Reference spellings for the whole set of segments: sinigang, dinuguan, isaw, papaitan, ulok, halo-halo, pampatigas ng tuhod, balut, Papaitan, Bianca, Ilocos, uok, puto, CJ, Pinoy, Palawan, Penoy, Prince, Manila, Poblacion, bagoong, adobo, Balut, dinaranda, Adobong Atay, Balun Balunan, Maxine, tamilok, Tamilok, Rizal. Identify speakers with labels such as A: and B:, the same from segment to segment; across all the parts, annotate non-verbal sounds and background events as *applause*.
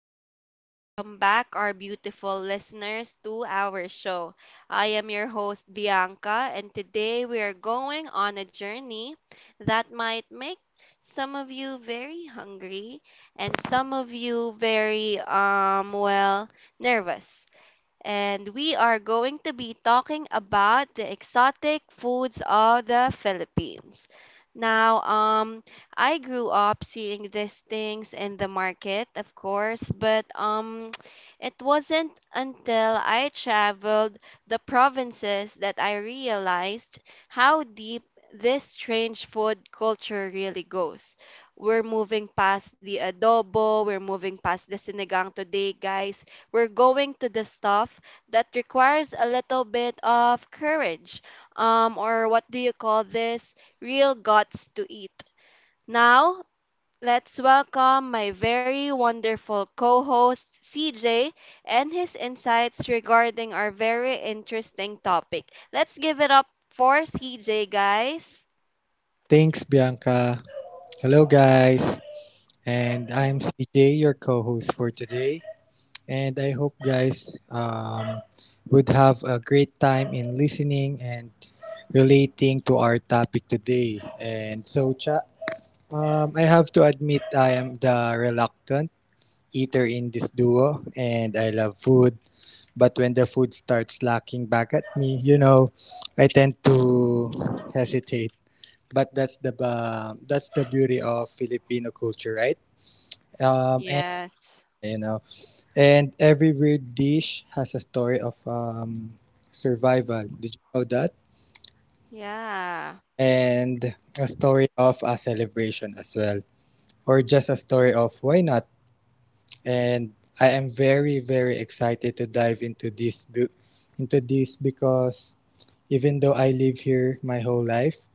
A: everyone. Welcome back, our beautiful listeners, to our show. I am your host, Bianca, and today we are going on a journey that might make some of you very hungry and some of you very, well, nervous, and we are going to be talking about the exotic foods of the Philippines. Now, I grew up seeing these things in the market, of course, but *tsk* it wasn't until I traveled the provinces that I realized how deep this strange food culture really goes. We're moving past the adobo, we're moving past the sinigang today, guys. We're going to the stuff that requires a little bit of courage, or what do you call this? Real guts to eat. Now, let's welcome my very wonderful co host, CJ, and his insights regarding our very interesting topic. Let's give it up for CJ, guys.
B: Thanks, Bianca. Hello, guys. And
A: Mhm.
B: I'm CJ, your co host for today. And I hope guys would have a great time in listening and relating to our topic today. And so, cha, I have to admit I am the reluctant eater in this duo, and I love food. But when the food starts lacking back at me, I tend to hesitate, but that's the beauty of Filipino culture, right? Um, and
A: Yes.
B: you know, and every weird dish has a story of survival. Did you know that?
A: Yeah.
B: And a story of a celebration as well, or just a story of why not? And I am very very excited to dive into this because even though I live here my whole life,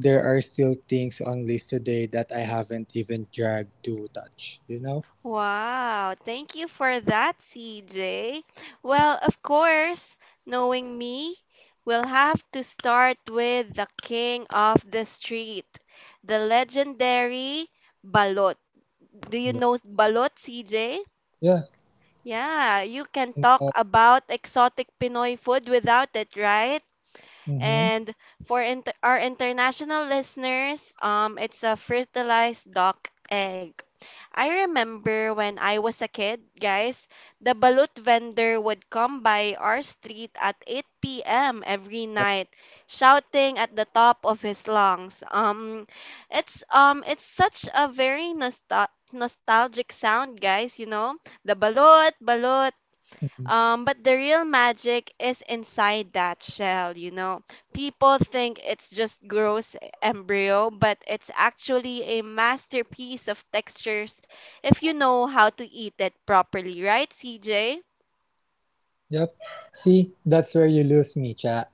B: there are still things on list today that I haven't even dragged to touch, you know?
A: Wow, thank you for that, CJ. Well, of course, knowing me, we'll have to start with the king of the street, the legendary Balot. Do you know Balot, CJ?
B: Yeah.
A: Yeah, you can talk
B: Uh,
A: about exotic Pinoy food without it, right?
B: mm-hmm. Yeah. Mm.
A: And for our international listeners, it's a fertilized duck egg. I remember when I was a kid, guys, the balut vendor would come by our street at 8 p.m. every night, shouting at the top of his lungs. It's such a very nostalgic sound, guys. You know, the balut, balut.
B: Mhm.
A: But the real magic is inside that shell, you know. People think it's just gross embryo, but it's actually a masterpiece of textures if you know how to eat it properly, right, CJ?
B: Yep. See, that's where you lose me, chat.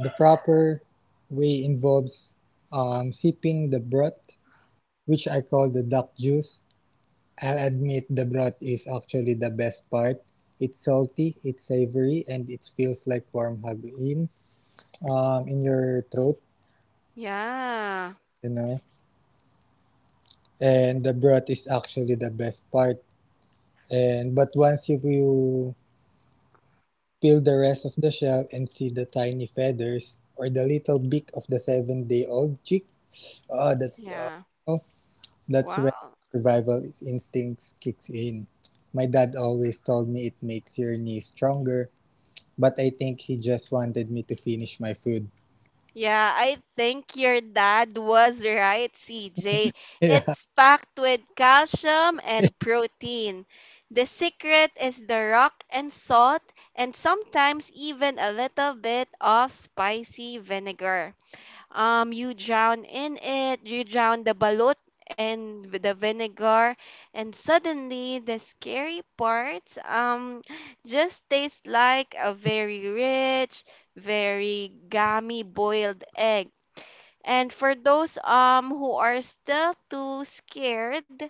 B: The proper way involves sipping the broth, which I call the duck juice. I'll admit the broth is actually the best part. It's salty, it's savory, and it feels like warm hug in your throat,
A: Yeah.
B: you know. And the broth is actually the best part. And but once you peel the
A: Y-
B: rest of the shell and see the tiny feathers or the little beak of the seven-day-old chick, oh, that's uh,
A: Yeah.
B: oh, that's when
A: Wow.
B: survival instincts kicks in. My dad always told me it makes your knee stronger, but I think he just wanted me to finish my food. *laughs*
A: Yeah, I think your dad was right, CJ.
B: Yeah.
A: It's packed with calcium and protein. The secret is the rock and salt, and sometimes even a little bit of spicy vinegar. You drown in it, you drown the balut and with the vinegar, and suddenly the scary parts just taste like a very rich, very gummy boiled egg. And for those who are still too scared,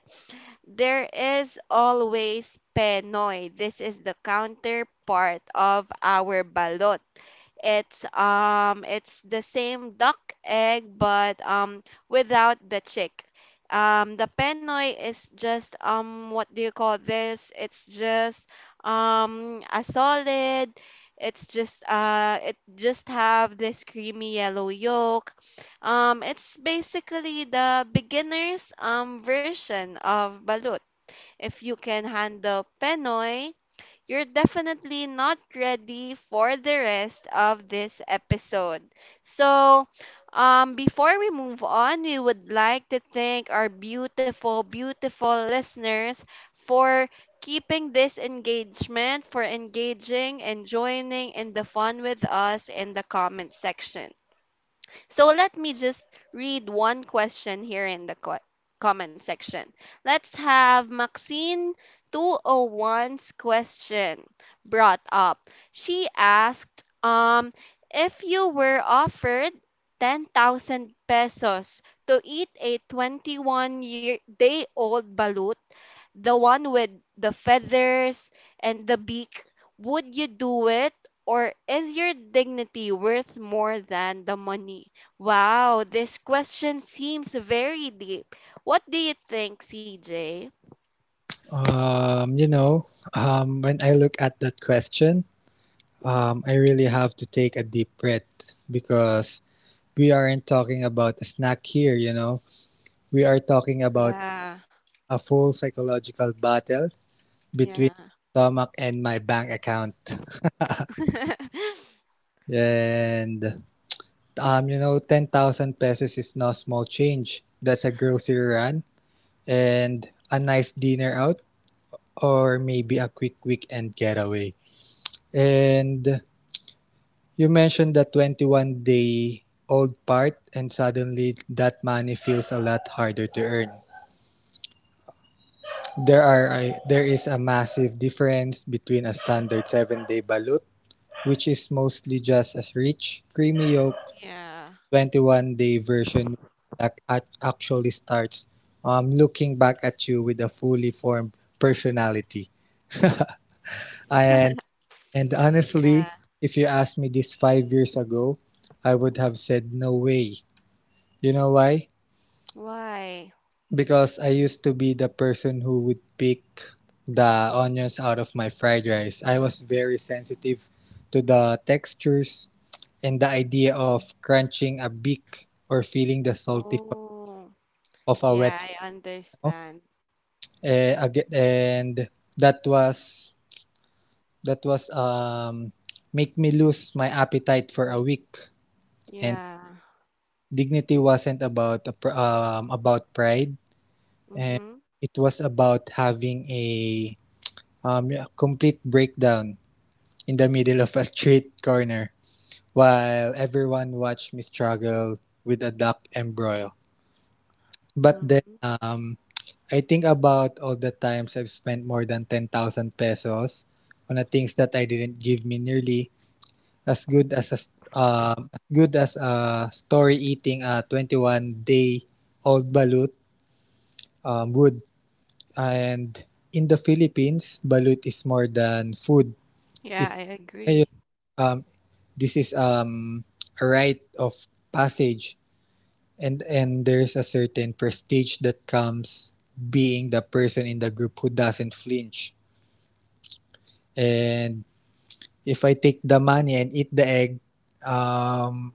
A: there is always Penoy. This is the counterpart of our balot. It's the same duck egg but without the chick. The penoy is just what do you call this? It's just a solid. It's just it just have this creamy yellow yolk. It's basically the beginner's version of balut. If you can handle penoy, you're definitely not ready for the rest of this episode. So, before we move on, we would like to thank our beautiful, beautiful listeners for keeping this engagement, for engaging and joining in the fun with us in the comment section. So let me just read one question here in the comment section. Let's have Maxine 201's question brought up. She asked, if you were offered 10,000 pesos to eat a 21-year day old balut, the one with the feathers and the beak, would you do it? Or is your dignity worth more than the money? Wow, this question seems very deep. What do you think, CJ?
B: Um, you know, when I look at that question, I really have to take a deep breath because we aren't talking about a snack here. We are talking about
A: Yeah,
B: a full psychological battle between
A: yeah.
B: stomach and my bank account.
A: *laughs*
B: And 10,000 pesos is no small change. That's a grocery run and a nice dinner out, or maybe a quick weekend getaway. And you mentioned the 21-day-old part, and suddenly that money feels a lot harder to earn. There is a massive difference between a standard 7-day balut, which is mostly just a rich, creamy yolk,
A: Yeah.
B: 21-day version that actually starts looking back at you with a fully formed personality. And
A: *laughs*
B: and
A: Yeah.
B: honestly, if you asked me this 5 years ago, I would have said no way. You know why?
A: Why?
B: Because I used to be the person who would pick the onions out of my fried rice. I was very sensitive to the textures and the idea of crunching a beak or feeling the salty
A: Oh,
B: of a
A: yeah,
B: wet
A: I
B: fennel.
A: understand.
B: And that was that was make me lose my appetite for a week. And
A: Yeah.
B: dignity wasn't about pride, and
A: Mm-hmm,
B: it was about having a yeah, complete breakdown in the middle of a street corner while everyone watched me struggle with a duck embryo. But then
A: mm-hmm.
B: I think about all the times I've spent more than 10,000 pesos on the things that I didn't give me nearly as good as a story eating a 21-day-old balut would. And in the Philippines, balut is more than food.
A: Yeah,
B: It's
A: I agree.
B: um, this is a rite of passage, and there's a certain prestige that comes being the person in the group who doesn't flinch. And if I take the money and eat the egg, um,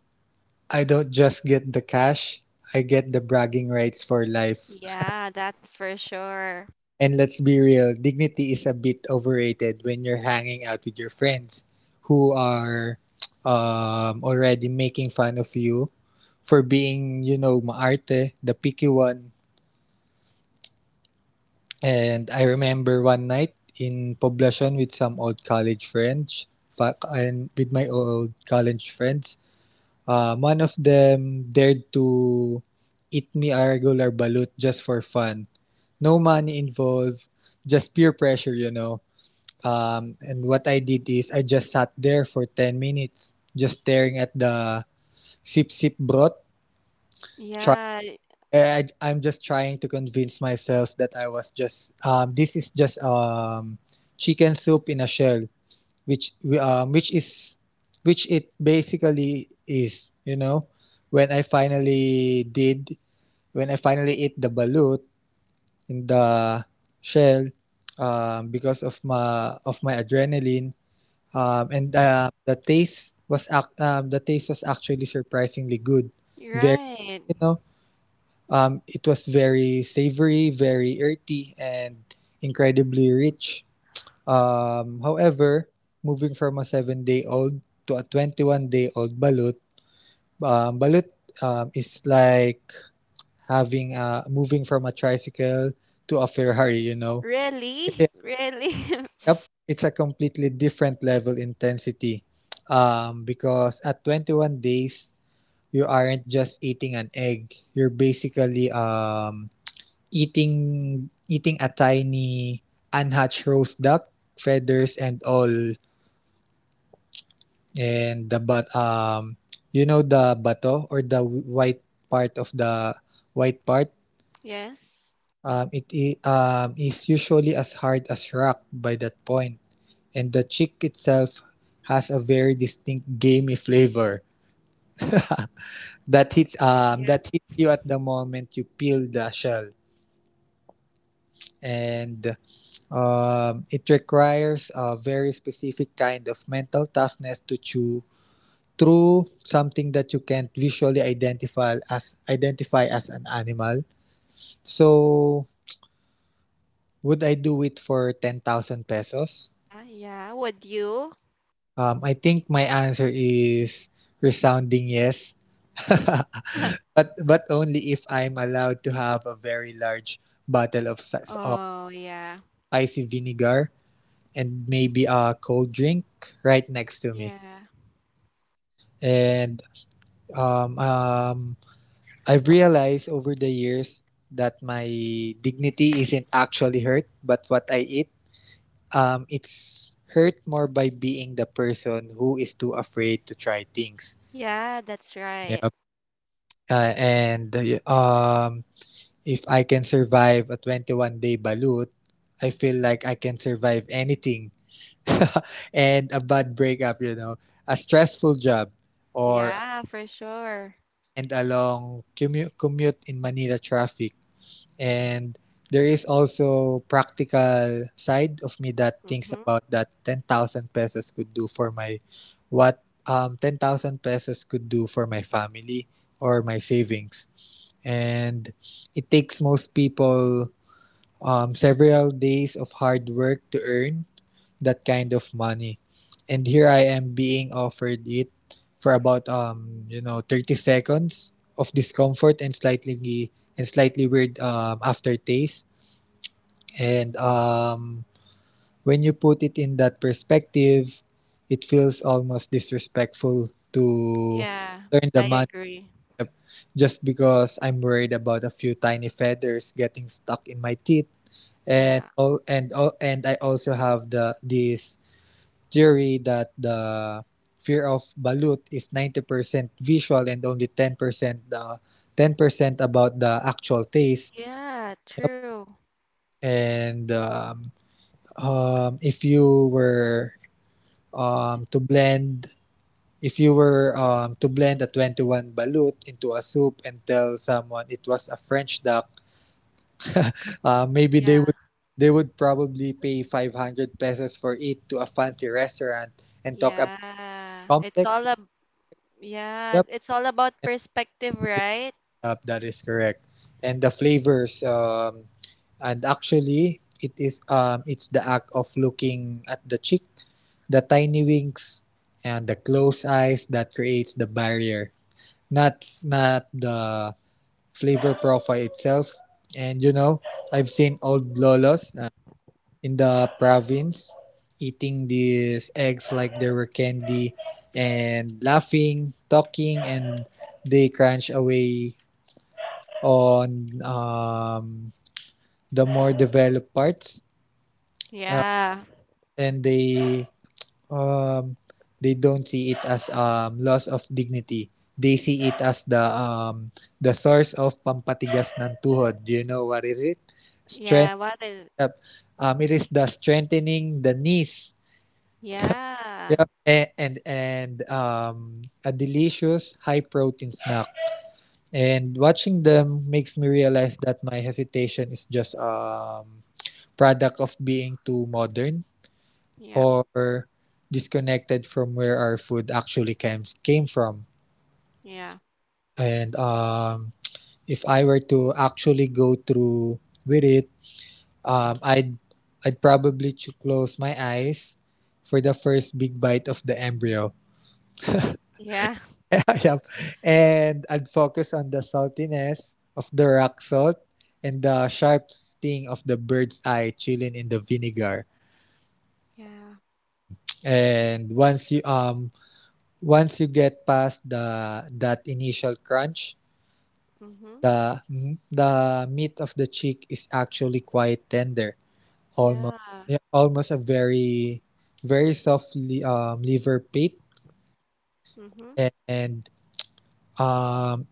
B: I don't just get the cash; I get the bragging rights for life.
A: Yeah, that's for sure.
B: And let's be real, dignity is a bit overrated when you're hanging out with your friends who are *tsk* already making fun of you for being, maarte, the picky one. And I remember one night in Poblacion with some old college friends, one of them dared to eat me a regular balut just for fun. No money involved, just peer pressure. And what I did is I just sat there for 10 minutes, just staring at the sip broth. Try,
A: Yeah,
B: I'm just trying to convince myself that this is just chicken soup in a shell, which, um, which is, which it basically is, you know? When I finally did, when I finally ate the balut in the shell, because of my adrenaline, and the taste was actually surprisingly good.
A: you're
B: Very,
A: right.
B: you know, it was very savory, very earthy, and incredibly rich. However, moving from a seven-day-old to a 21-day-old balut, is like having a moving from a tricycle to a Ferrari.
A: Really? *laughs* Really? *laughs*
B: Yep, it's a completely different level intensity. Because at 21 days, you aren't just eating an egg. You're basically eating a tiny unhatched roast duck, feathers and all, and the but you know the bato or the white part white part.
A: Yes.
B: It is usually as hard as rock by that point. And the chick itself has a very distinct gamey flavor *laughs* that hits um that
A: Yep.
B: hits you at the moment you peel the shell, and it requires a very specific kind of mental toughness to chew through something that you can't visually identify as an animal. So would I do it for 10,000 pesos?
A: Yeah, would you?
B: I think my answer is resounding yes. *laughs*
A: *laughs*
B: But only if I'm allowed to have a very large bottle of
A: Oh, yeah.
B: icy vinegar and maybe a cold drink right next to me.
A: Yeah.
B: And um, um, I've realized over the years that my dignity isn't actually hurt, but what I eat, it's hurt more by being the person who is too afraid to try things.
A: Yeah, that's right.
B: Yeah. And um, if I can survive a 21-day balut, I feel like I can survive anything. *laughs* And a bad breakup, a stressful job, or
A: Yeah, for sure.
B: and a long commute in Manila traffic. And there is also practical side of me that thinks
A: Mm-hmm.
B: about that 10,000 pesos could do for my family or my savings, and it takes most people several days of hard work to earn that kind of money. And here I am being offered it for about 30 seconds of discomfort and slightly weird aftertaste. And when you put it in that perspective, it feels almost disrespectful to
A: Yeah,
B: learn the
A: I
B: money.
A: agree.
B: Yep. Just because I'm worried about a few tiny feathers getting stuck in my teeth, and
A: Yeah.
B: all and all and I also have the this theory that the fear of balut is 90% visual and only ten percent about the actual taste.
A: Yeah,
B: Yep.
A: true.
B: And if you were to blend if you were to blend a 21 balut into a soup and tell someone it was a French duck. Maybe
A: Yeah.
B: they would probably pay 500 pesos for it to a fancy restaurant and talk about
A: Yeah. It's
B: complex.
A: all ab Yeah,
B: Yep,
A: it's all about
B: and
A: perspective,
B: yep,
A: right?
B: yep, that is correct. And the flavors. And actually, it's the act of looking at the chick, the tiny wings, and the closed eyes that creates the barrier. Not the flavor profile itself. And I've seen old lolos in the province, eating these eggs like they were candy and laughing, talking, and they crunch away on the more developed parts uh,
A: Yeah.
B: and um, they don't see it as loss of dignity. They see it as the source of pampatigas ng tuhod. Do you know what is it?
A: Yeah,
B: Strength.
A: what is?
B: It is the strengthening the knees.
A: Yeah.
B: Yep. And a delicious high protein snack. And watching them makes me realize that my hesitation is just product of being too modern
A: Yep.
B: or disconnected from where our food actually came from.
A: Yeah.
B: And if I were to actually go through with it, um, I'd I'd probably close my eyes for the first big bite of the embryo.
A: Yeah.
B: *laughs* Yep. And I'd focus on the saltiness of the rock salt and the sharp sting of the bird's eye chilling in the vinegar.
A: Yeah.
B: And once you get past the that initial crunch,
A: Mhm.
B: the meat of the chick is actually quite tender,
A: Yeah.
B: almost, yeah, almost a very very soft liver pit,
A: Mhm.
B: And um,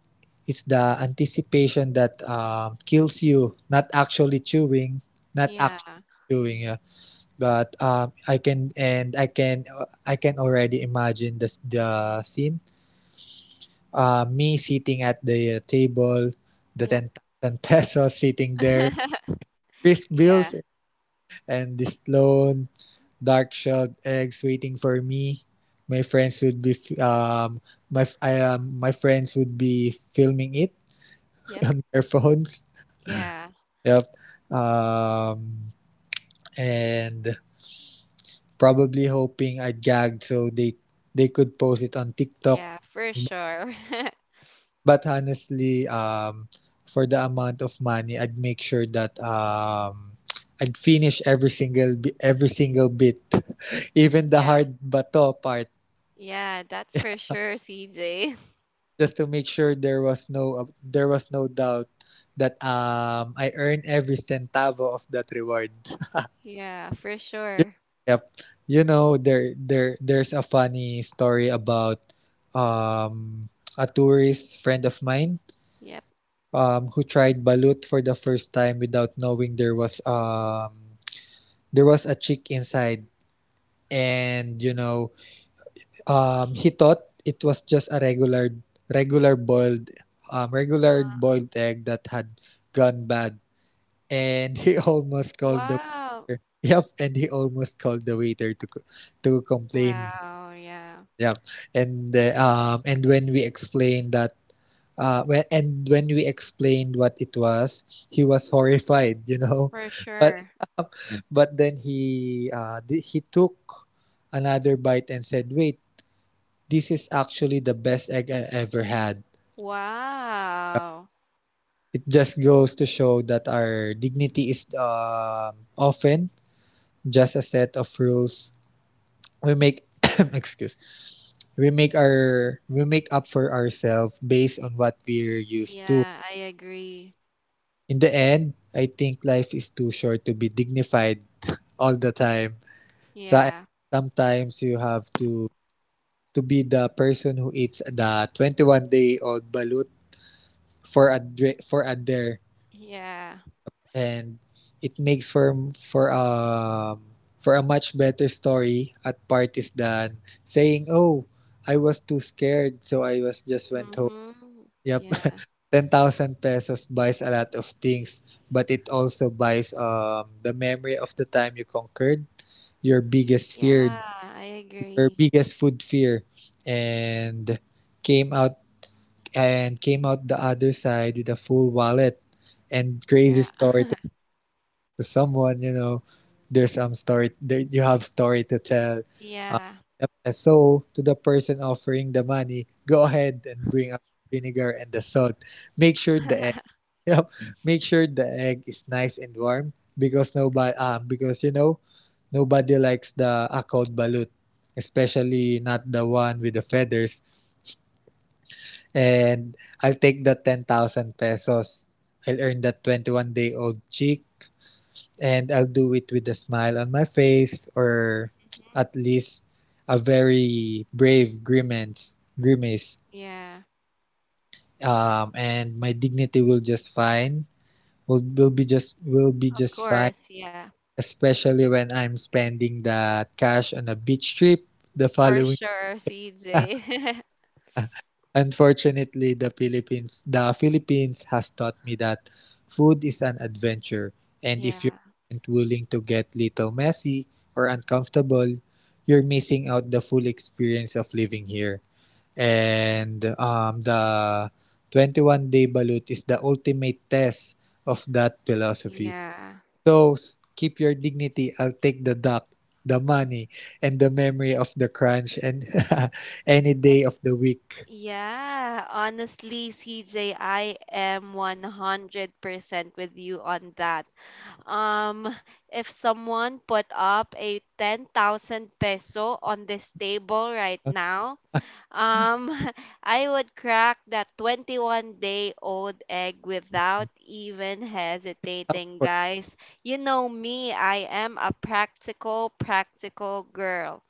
B: it's the anticipation that kills you, not actually chewing, not
A: Yeah.
B: actually chewing. Yeah. But I can and I can already imagine the scene. Me sitting at the table, the
A: Yep.
B: 10,000 *laughs* pesos sitting there,
A: *laughs*
B: crisp
A: Yeah.
B: bills, and this lone dark shelled eggs waiting for me. My friends would be my friends would be filming it
A: Yep.
B: *laughs* on their phones.
A: Yeah.
B: Yep. Um, and probably hoping I'd gagged so they could post it on TikTok.
A: Yeah, for sure. *laughs*
B: But honestly, for the amount of money, I'd make sure that I'd finish every single bit, *laughs* even the
A: Yeah.
B: hard bato part,
A: Yeah, that's for sure, CJ. *laughs*
B: just to make sure there was no doubt that I earned every centavo of that reward.
A: Yeah, for sure.
B: Yep. Yep. You know, there's a funny story about um a tourist friend of mine
A: Yep.
B: who tried balut for the first time without knowing there was a chick inside, and you know, he thought it was just a regular boiled,
A: Uh,
B: regular boiled egg that had gone bad, and he *laughs* almost called the
A: wow.
B: waiter. Yep, and he almost called the waiter to complain.
A: Wow, yeah.
B: Yeah. And when we explained that, when and when we explained what it was, he was horrified, you know.
A: For
B: *laughs* But
A: sure.
B: but then he he took another bite and said, "Wait, this is actually the best egg I ever had."
A: Wow.
B: It just goes to show that our dignity is often just a set of rules we make. *coughs* Excuse. We make up for ourselves based on what we're used to.
A: Yeah, I agree.
B: In the end, I think life is too short to be dignified all the time. So
A: Yeah.
B: sometimes you have to be the person who eats the 21-day-old balut for a dare,
A: Yeah.
B: and it makes for a much better story at parties than saying, "Oh, I was too scared, so I was just went home."
A: Mhm.
B: Yep.
A: Yeah.
B: *laughs* 10,000 pesos buys a lot of things, but it also buys, the memory of the time you conquered your biggest fear,
A: Yeah, I
B: your
A: agree.
B: biggest food fear, and came out came out the other side with a full wallet and
A: Yeah.
B: crazy story
A: *laughs*
B: to someone. You know, there's some story there, you have story to tell. Uh,
A: Yeah.
B: yep. And so to the person offering the money, go ahead and bring up vinegar and the salt. Make sure the *laughs*
A: *laughs*
B: Yep. Make sure the egg is nice and warm, because nobody because you
A: Mm-hmm.
B: know, nobody likes the akod balut, especially not the one with the feathers. And I'll take the 10,000 pesos. I'll earn that 21-day-old chick, and I'll do it with a smile on my face, or
A: Mm-hmm.
B: at least a very brave grimace,
A: Yeah.
B: and my dignity will just fine will be
A: Of
B: just fine,
A: course. Yeah.
B: especially when I'm spending that cash on a beach trip the
A: For
B: following.
A: sure,
B: *laughs*
A: CJ. *laughs*
B: Unfortunately, the Philippines has taught me that food is an adventure, and
A: Yeah.
B: if you aren't willing to get little messy or uncomfortable, you're missing out the full experience of living here. And the 21-day balut is the ultimate test of that philosophy.
A: Yeah.
B: Those "Keep your dignity, I'll take the duck, the money, and the memory of the crunch and *laughs* any day
A: And
B: of the week."
A: yeah, honestly, CJ, I am 100% with you on that. Um, if someone put up a 10,000 peso on this table right now. Um, *laughs* I would crack that 21-day-old egg without even hesitating,
B: Comfort.
A: guys. You know me, I am a practical, practical girl.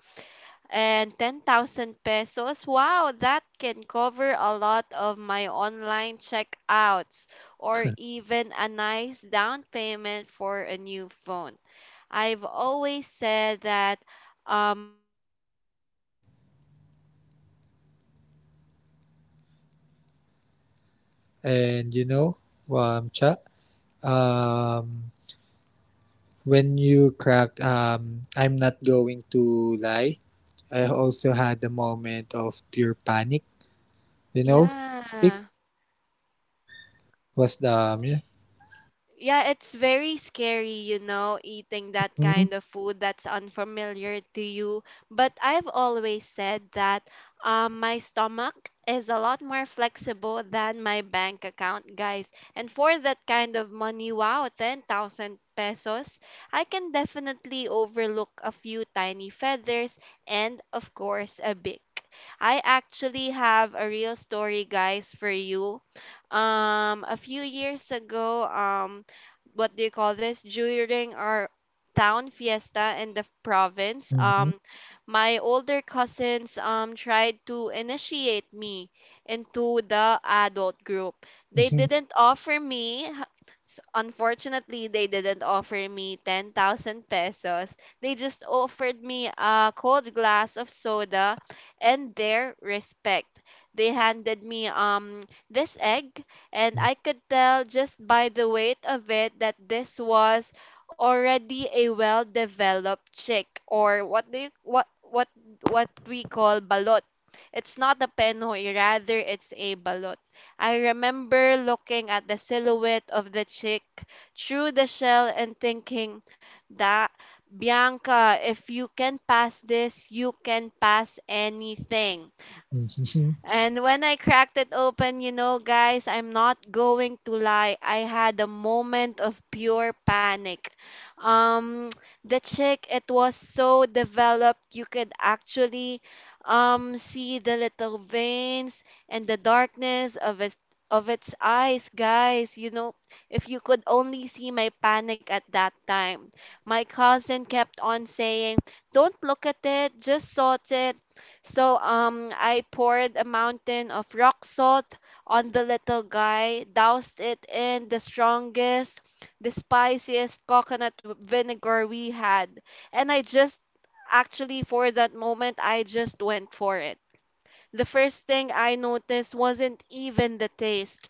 A: And 10,000 pesos, wow, that can cover a lot of my online checkouts or even a nice down payment for a new phone. I've always said that my stomach is a lot more flexible than my bank
B: And you know,
A: account.
B: cha,
A: You know what,
B: um,
A: guys? I have always,
B: when you crack, I'm not going to lie. I also had a moment of pure panic. You know, it
A: yeah.
B: was the yeah.
A: Yeah, it's very scary, you know, eating that
B: Mhm,
A: kind of food that's unfamiliar to you. But I've always said that my stomach is a lot more flexible than my bank account, guys. And for that kind of money, wow, 10,000 pesos, I can definitely overlook a few tiny feathers and, of course, a big. I actually have a real story, guys, for you. A few years ago, what do you call this, during our town fiesta in the province,
B: mhm,
A: my older cousins tried to initiate me into the adult group. They
B: mhm,
A: didn't offer me s- Unfortunately, they didn't offer me 10,000 pesos. They just offered me a cold glass of soda and their respect. They handed me this egg, and I could tell just by the weight of it that this was already a well-developed chick, or what do you, what we call balot. It's not a penoy, rather it's a balot. I remember looking at the silhouette of the chick through the shell and thinking that Bianca, if you can pass this, you can pass anything.
B: mhm, mhm.
A: And when I cracked it open, you know, guys, I'm not going to lie. I had a moment of pure panic. Um, *tsk* the chick, it was so developed, you could actually see the little veins and the darkness of its eyes, guys. You know, if you could only see my panic at that time. My cousin kept on saying, "Don't look at it, just sort it." So I poured a mountain of rock salt on the little guy, doused it in the strongest, the spiciest coconut vinegar we had, and I just actually for that moment I just went for it. The first thing I noticed wasn't even the taste.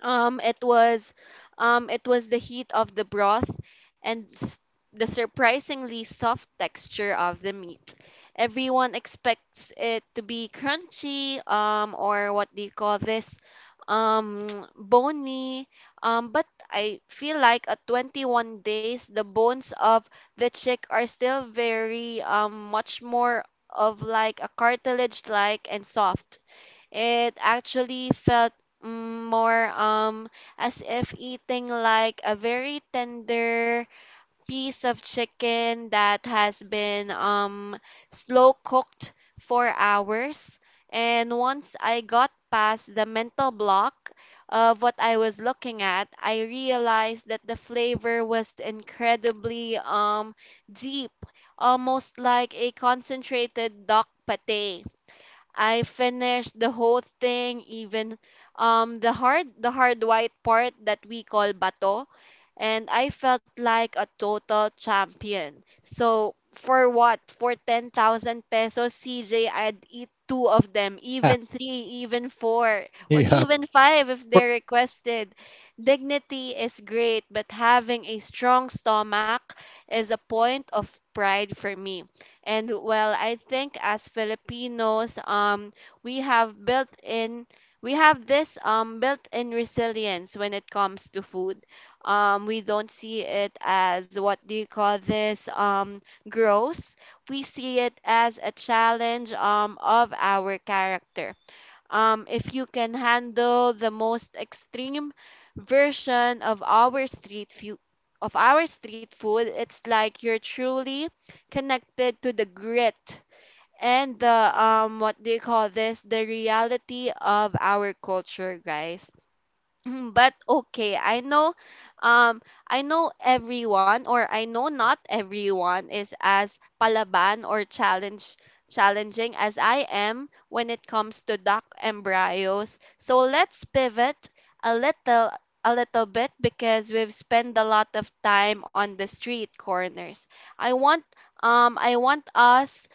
A: Um, it was, it was the heat of the broth and the surprisingly soft texture of the meat. Everyone expects it to be crunchy, or what do you call this? Um, *tsk* bony. But I feel like at 21 days, the bones of the chick are still very, much more of like a cartilage-like and soft. It actually felt more as if eating like a very tender piece of chicken that has been slow cooked for hours. And once I got past the mental block of what I was looking at, I realized that the flavor was incredibly deep, almost like a concentrated duck pate. I finished the whole thing, even the hard white part that we call bato, and I felt like a total champion. So for what? For 10,000 pesos, CJ, I'd eat two of them, even
B: *laughs*
A: three, even four, or
B: yeah,
A: even five if
B: for,
A: they're requested. Dignity is great, but having a strong stomach is a point of pride for me. And well, I think as Filipinos, we have built in we have this built-in resilience when it comes to food. We don't see it as what do you call this gross. We see it as a challenge of our character. If you can handle the most extreme version of our street food, it's like you're truly connected to the grit and the what do you call this? The reality of our culture, guys. Mhm, but okay, I know, um I know everyone, or I know not everyone is as palaban or challenge challenging as I am when it comes to duck embryos. So let's pivot a little a little bit, because we've spent a lot of time on the street corners. i want um i want us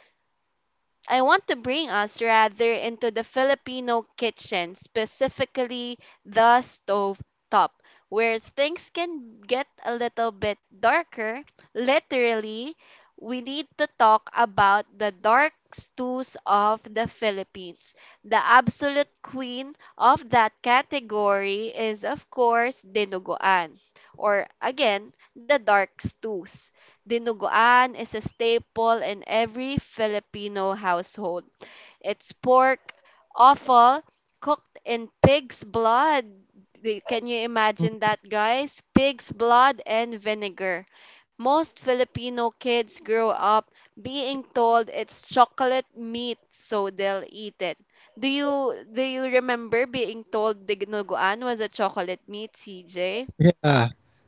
A: I want to bring us rather into the Filipino kitchen, specifically the stove top, where things can get a little bit darker. Literally, we need to talk about the dark stews of the Philippines. The absolute queen of that category is, of course, dinuguan, or again, the dark stews. Dinuguan is a staple in every Filipino household. It's pork offal cooked in pig's blood. Can you imagine that, guys? Pig's blood and vinegar. Most Filipino kids grow up being told it's chocolate meat, so they'll eat it. Do you remember being told dinuguan was a chocolate meat, CJ?
B: yeah.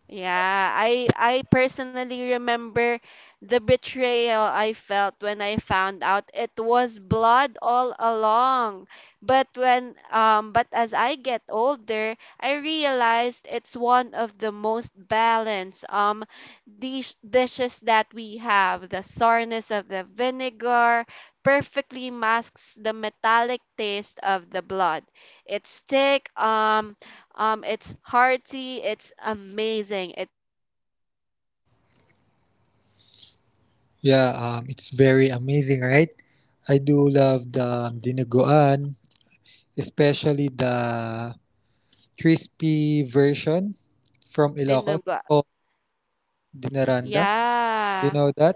A: Yeah, I personally remember the betrayal I felt when I found out it was blood all along. But when but as I get older, I realized it's one of the most balanced dishes that we have. The sourness of the vinegar perfectly masks the metallic taste of the blood. It's thick, it's hearty, it's amazing. It's very amazing with puto. I
B: Yeah,
A: I
B: it's
A: love
B: very amazing,
A: dinuguan.
B: right? I
A: Spe-
B: do love
A: do
B: the
A: you love dinuguan,
B: dinuguan,
A: CJ? CJ, do you
B: especially
A: love
B: the
A: dinuguan? Because
B: crispy
A: personally, I
B: version
A: really
B: from
A: love
B: Ilocos
A: dinuguan.
B: called dinaranda. You
A: Yeah.
B: know that?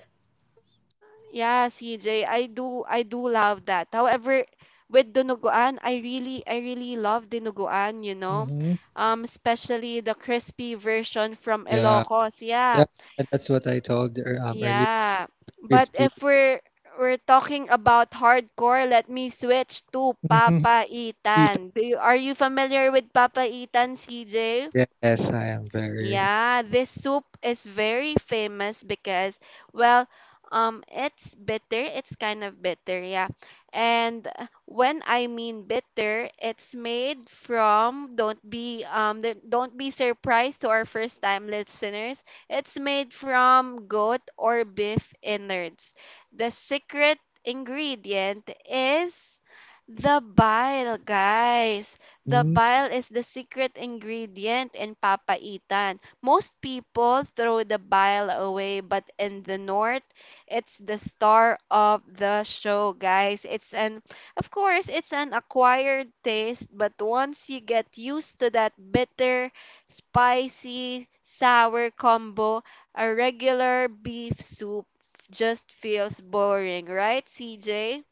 A: Yeah, CJ, I do love that. However, with dinuguan, I really love dinuguan,
B: Mm-hmm.
A: Especially the crispy version from
B: Yeah,
A: Ilocos.
B: yeah,
A: Yeah.
B: that's what I told earlier.
A: Yeah. But
B: Crispy.
A: if we're talking about hardcore, let me switch to
B: Mm-hmm.
A: Papa
B: Eat.
A: Itan. Are you familiar with Papa Itan, CJ?
B: Yes, I am very.
A: Yeah, this soup is very famous because, well, it's bitter. It's kind of bitter, yeah. And when I mean bitter, it's made from, don't be surprised to our first time listeners. It's made from goat or beef innards. The secret ingredient is the bile, guys. The
B: Mm.
A: bile is the secret ingredient in papaitan. Most people throw the bile away, but in the north, it's the star of the show, guys. Of course, it's an acquired taste, but once you get used to that bitter, spicy, sour combo, a regular beef soup just feels boring, right, CJ?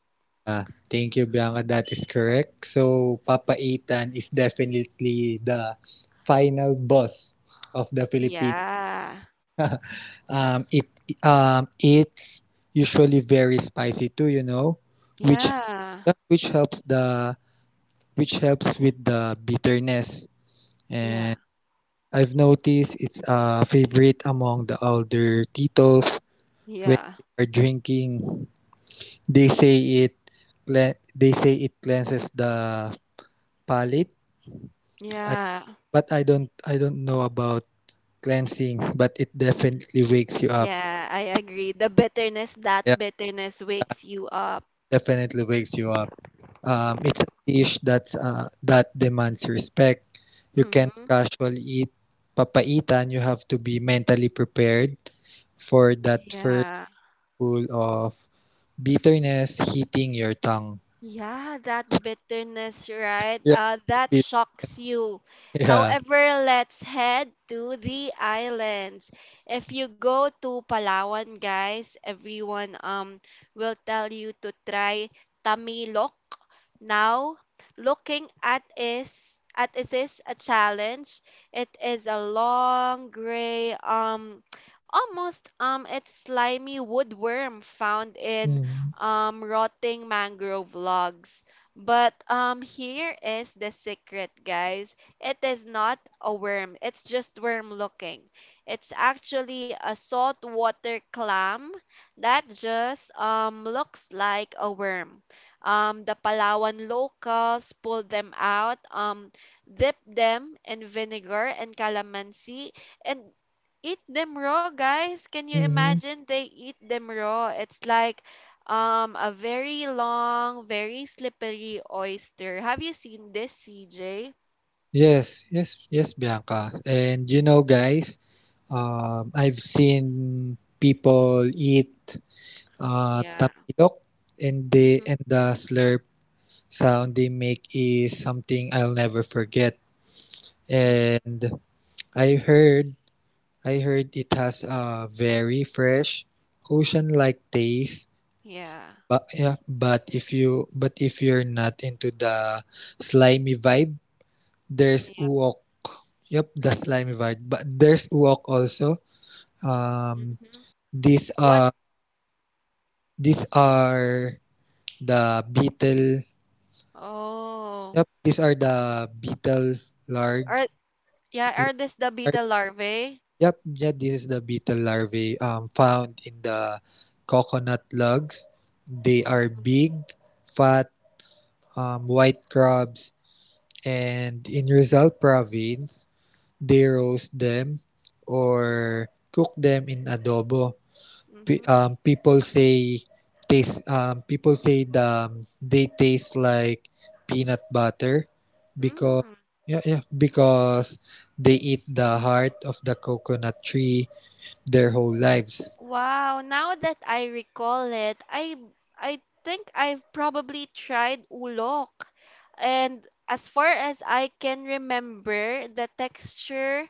B: Ah, thank you, Bianca. That is correct. So, Papa Itan is definitely the final boss of the Philippines.
A: Yeah.
B: *laughs* Um, it it's usually very spicy too, you know, which
A: Yeah.
B: yeah, which helps the which helps with the bitterness. And
A: Yeah.
B: I've noticed it's a favorite among the older titos when
A: Yeah.
B: they are drinking. They say it they say it cleanses the palate. I,
A: Yeah,
B: but I don't know about cleansing, but it definitely wakes you up.
A: yeah, I agree. The bitterness, that
B: Yeah,
A: bitterness wakes you up.
B: definitely wakes you up. It's a dish that's that demands respect. You can't
A: Mm-hmm.
B: casually eat papaitan. You have to be mentally prepared for that first
A: Yeah,
B: full of bitterness hitting your tongue.
A: yeah, that bitterness, right?
B: Yeah,
A: That
B: bit-
A: shocks you.
B: *laughs* yeah.
A: However, let's head to the islands. If you go to Palawan, guys, everyone will tell you to try Tamilok. Now, looking at is at it is a challenge. It is a long gray *tsk* almost, it's slimy woodworm found in
B: Mm-hmm.
A: rotting mangrove logs. But here is the secret, guys. It is not a worm, it's just worm looking. It's actually a saltwater clam that just looks like a worm. The Palawan locals pull them out, dip them in vinegar and calamansi, and eat them raw, guys. Can you
B: Mm-hmm.
A: imagine? They eat them raw. It's like a very long, very slippery oyster. Have you seen this, CJ?
B: Yes, yes, yes, Bianca. And you know, guys, I've seen people eat
A: Yeah.
B: tamilok, and
A: Mm-hmm.
B: the slurp sound they make is something I'll never forget.
A: Mm-hmm.
B: And I heard I heard it has a very fresh ocean-like taste.
A: Yeah.
B: But yeah, but if you're not into the slimy vibe, there's
A: Yeah.
B: uok. Yep, the slimy vibe. But there's uok also. Um,
A: Mm-hmm.
B: these
A: What?
B: are these
A: i-
B: are the beetle.
A: Oh.
B: Yep, these are the beetle large.
A: Are Yeah, are this the beetle larvae?
B: Yep, yeah, this is the beetle larvae, found in the coconut lugs. They are
A: Mm-hmm.
B: big, fat, white crabs, and in Rizal province, they roast them or cook them in adobo. P-
A: Mm-hmm.
B: um, people say People say they taste like peanut butter because
A: Mm.
B: yeah, yeah, because they eat the heart of the coconut tree their whole lives.
A: Wow, now that I recall it, I think I've probably tried ulok. And as far as I can remember, the texture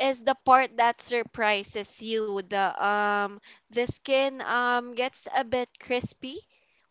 A: is the part that surprises you. The skin gets a bit crispy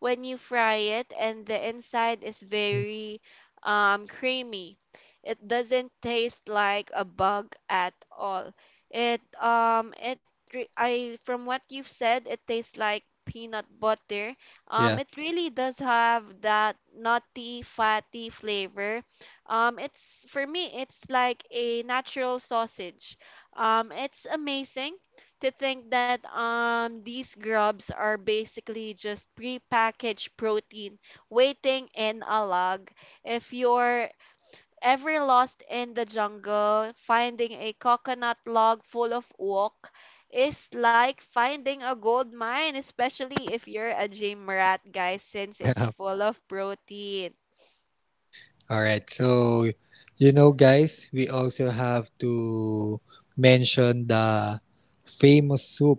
A: when you fry it and the inside is
B: Mm,
A: very creamy. It doesn't taste like a bug at all. It it re- I From what you've said it tastes like peanut butter.
B: yeah.
A: It really does have that nutty fatty flavor, it's for me, it's like a natural sausage. It's amazing to think that these grubs are basically just prepackaged protein waiting in a log. If you're ever lost in the jungle, finding a coconut log full of wok is like finding a gold mine, especially if you're a gym rat, guys, since it's
B: Yeah.
A: full of protein.
B: *laughs* All right. So, you know, guys, we also have to mention the famous soup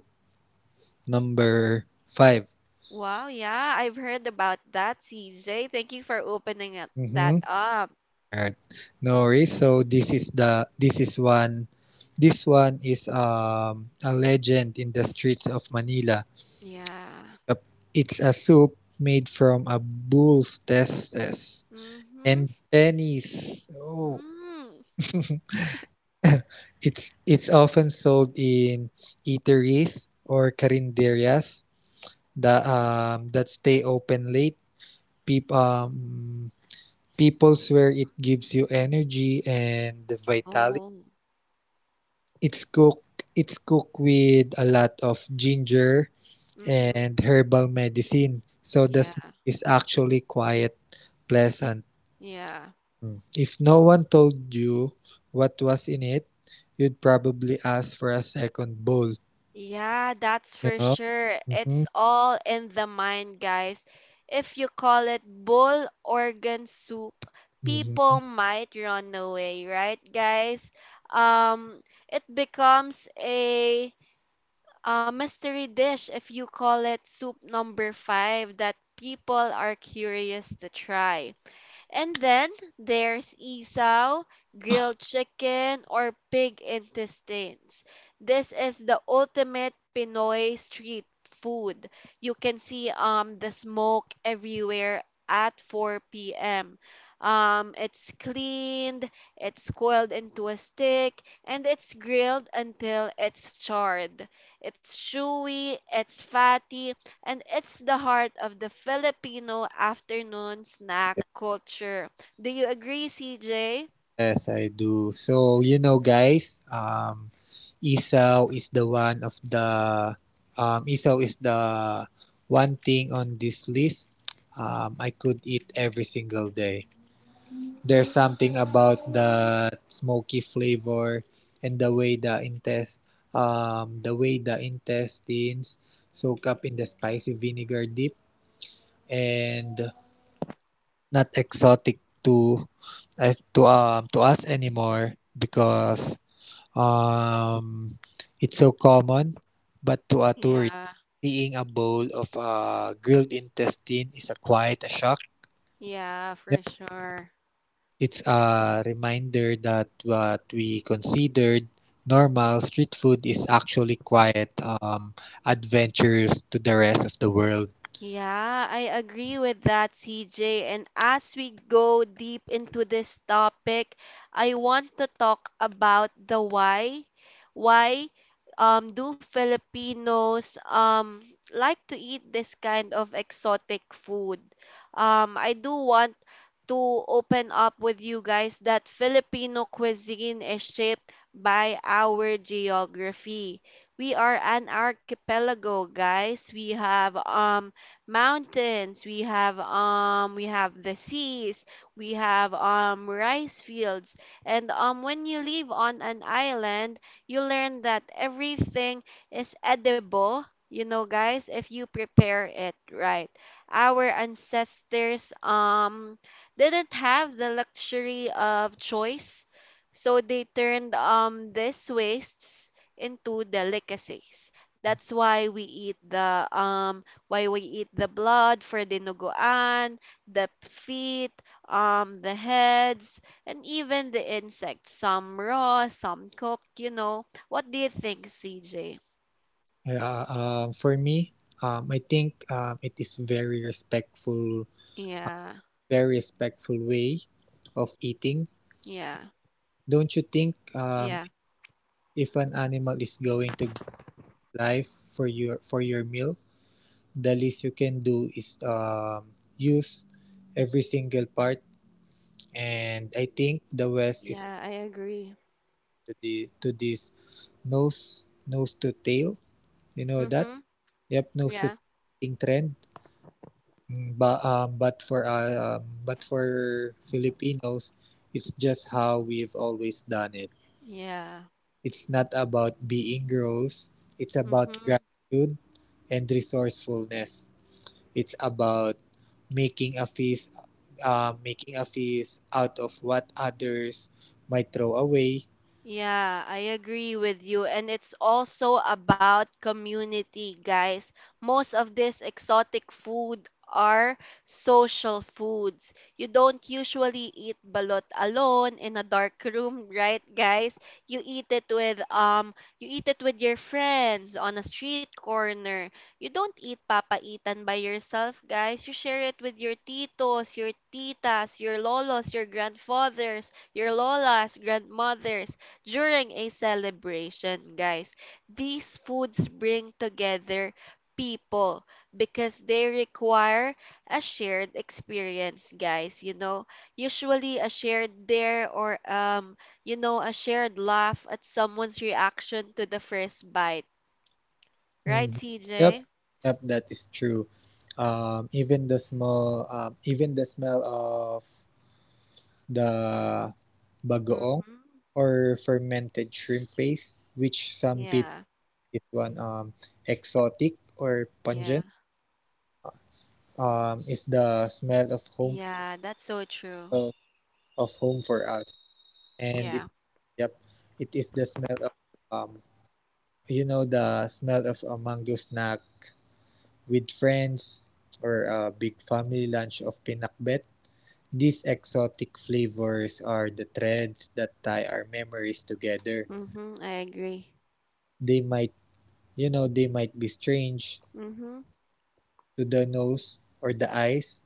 B: number five.
A: Wow, yeah, I've heard about that, CJ. Thank you for opening
B: Mm-hmm.
A: that up.
B: All right. No worries. So this is one. This one is a legend in the streets of Manila.
A: Yeah.
B: Yep. It's a soup made from a bull's testes
A: Mm-hmm.
B: and pennies. Oh.
A: Mm.
B: *laughs* *coughs* *laughs* It's often sold in eateries or carinderias that stay open late. Peop, um, People swear it gives you energy and vitality.
A: Oh.
B: It's cooked with a lot of ginger
A: Mm-hmm.
B: and herbal medicine, so the
A: Yeah.
B: smell is actually quite pleasant.
A: Yeah.
B: Mm. If no one told you what was in it, you'd probably ask for a second bowl.
A: Yeah, that's for
B: Yeah.
A: sure.
B: Mm-hmm.
A: It's all in the mind, guys. If you call it bull organ soup,
B: Mm-hmm.
A: people might run away, right, guys? Um, it becomes a mystery dish if you call it soup number five that people are curious to try. And then there's isaw, grilled chicken, or pig intestines. This is the ultimate Pinoy street food. You can see the smoke everywhere at 4 p.m. It's cleaned, it's coiled into a stick, and it's grilled until it's charred. It's chewy, it's fatty, and it's the heart of the Filipino afternoon snack culture. Do you agree, CJ?
B: Yes, I do. So, you know, guys, Esau is the one of the Esau is the one thing on this list. I could eat every single day. There's something about the smoky flavor and the way the way the intestines soak up in the spicy vinegar dip, and not exotic to to us anymore because um it's so common, but to a tourist,
A: Yeah,
B: seeing a bowl of grilled intestine is a quite a shock.
A: yeah,
B: Yep.
A: for sure.
B: It's a reminder that what we considered normal street food is actually quite adventurous to the rest of the world.
A: Yeah, I agree with that, CJ. And as we go deep into this topic, I want to talk about the why. Why do Filipinos like to eat this kind of exotic food? I do want to open up with you guys that Filipino cuisine is shaped by our geography. We are an archipelago, guys. We have mountains, we have the seas, we have rice fields, and when you live on an island, you learn that everything is edible, you know, guys, if you prepare it right. Our ancestors didn't have the luxury of choice, so they turned these wastes into delicacies. That's why we eat the blood for dinuguan, the feet, the heads, and even the insects. Some raw, some cooked, you know. What do you think, CJ?
B: Yeah, for me, I think it is
A: Yeah,
B: very respectful way of eating.
A: yeah,
B: Don't you think,
A: yeah,
B: if an animal is going to give life for your meal, the least you can do is use every single part. And I think the West is
A: yeah, I agree.
B: to this nose to tail. You know that?
A: Mm-hmm.
B: Yep, nose to
A: Yeah,
B: tail trend. But for Filipinos, it's just how we've always done it.
A: yeah.
B: It's not about being gross, it's about
A: Mm-hmm.
B: gratitude and resourcefulness. It's about making a feast making a feast out of what others might throw away.
A: Yeah, I agree with you. And it's also about community, guys. Most of these exotic food are social foods. You don't usually eat balot alone in a dark room, *laughs* right, guys? You eat it with your friends on a street corner. You don't eat papaitan by yourself, guys. You share it with your titos, your titas, your lolos, your grandfathers, your lolas, grandmothers during a celebration, guys. These foods bring together people because they require a shared experience, guys. You know, usually a shared dare or you know, a shared laugh at someone's reaction to the first bite. Right,
B: Mhm.
A: CJ?
B: Yep, yep, that is true. Even the smell of the bagoong,
A: Mm-hmm.
B: or fermented shrimp paste, which some people
A: Yeah,
B: is one exotic or
A: yeah,
B: pungent, is the smell of home,
A: yeah, that's so true.
B: uh, of home for us, and
A: Yeah.
B: yep, it is the smell of, um, you know, the smell of a mango snack with friends, or a big family lunch of pinakbet. These exotic flavors are the threads that tie our memories together.
A: Mm-hmm. I agree.
B: They might, you know, they might be strange
A: Mm-hmm.
B: to the nose or the eyes,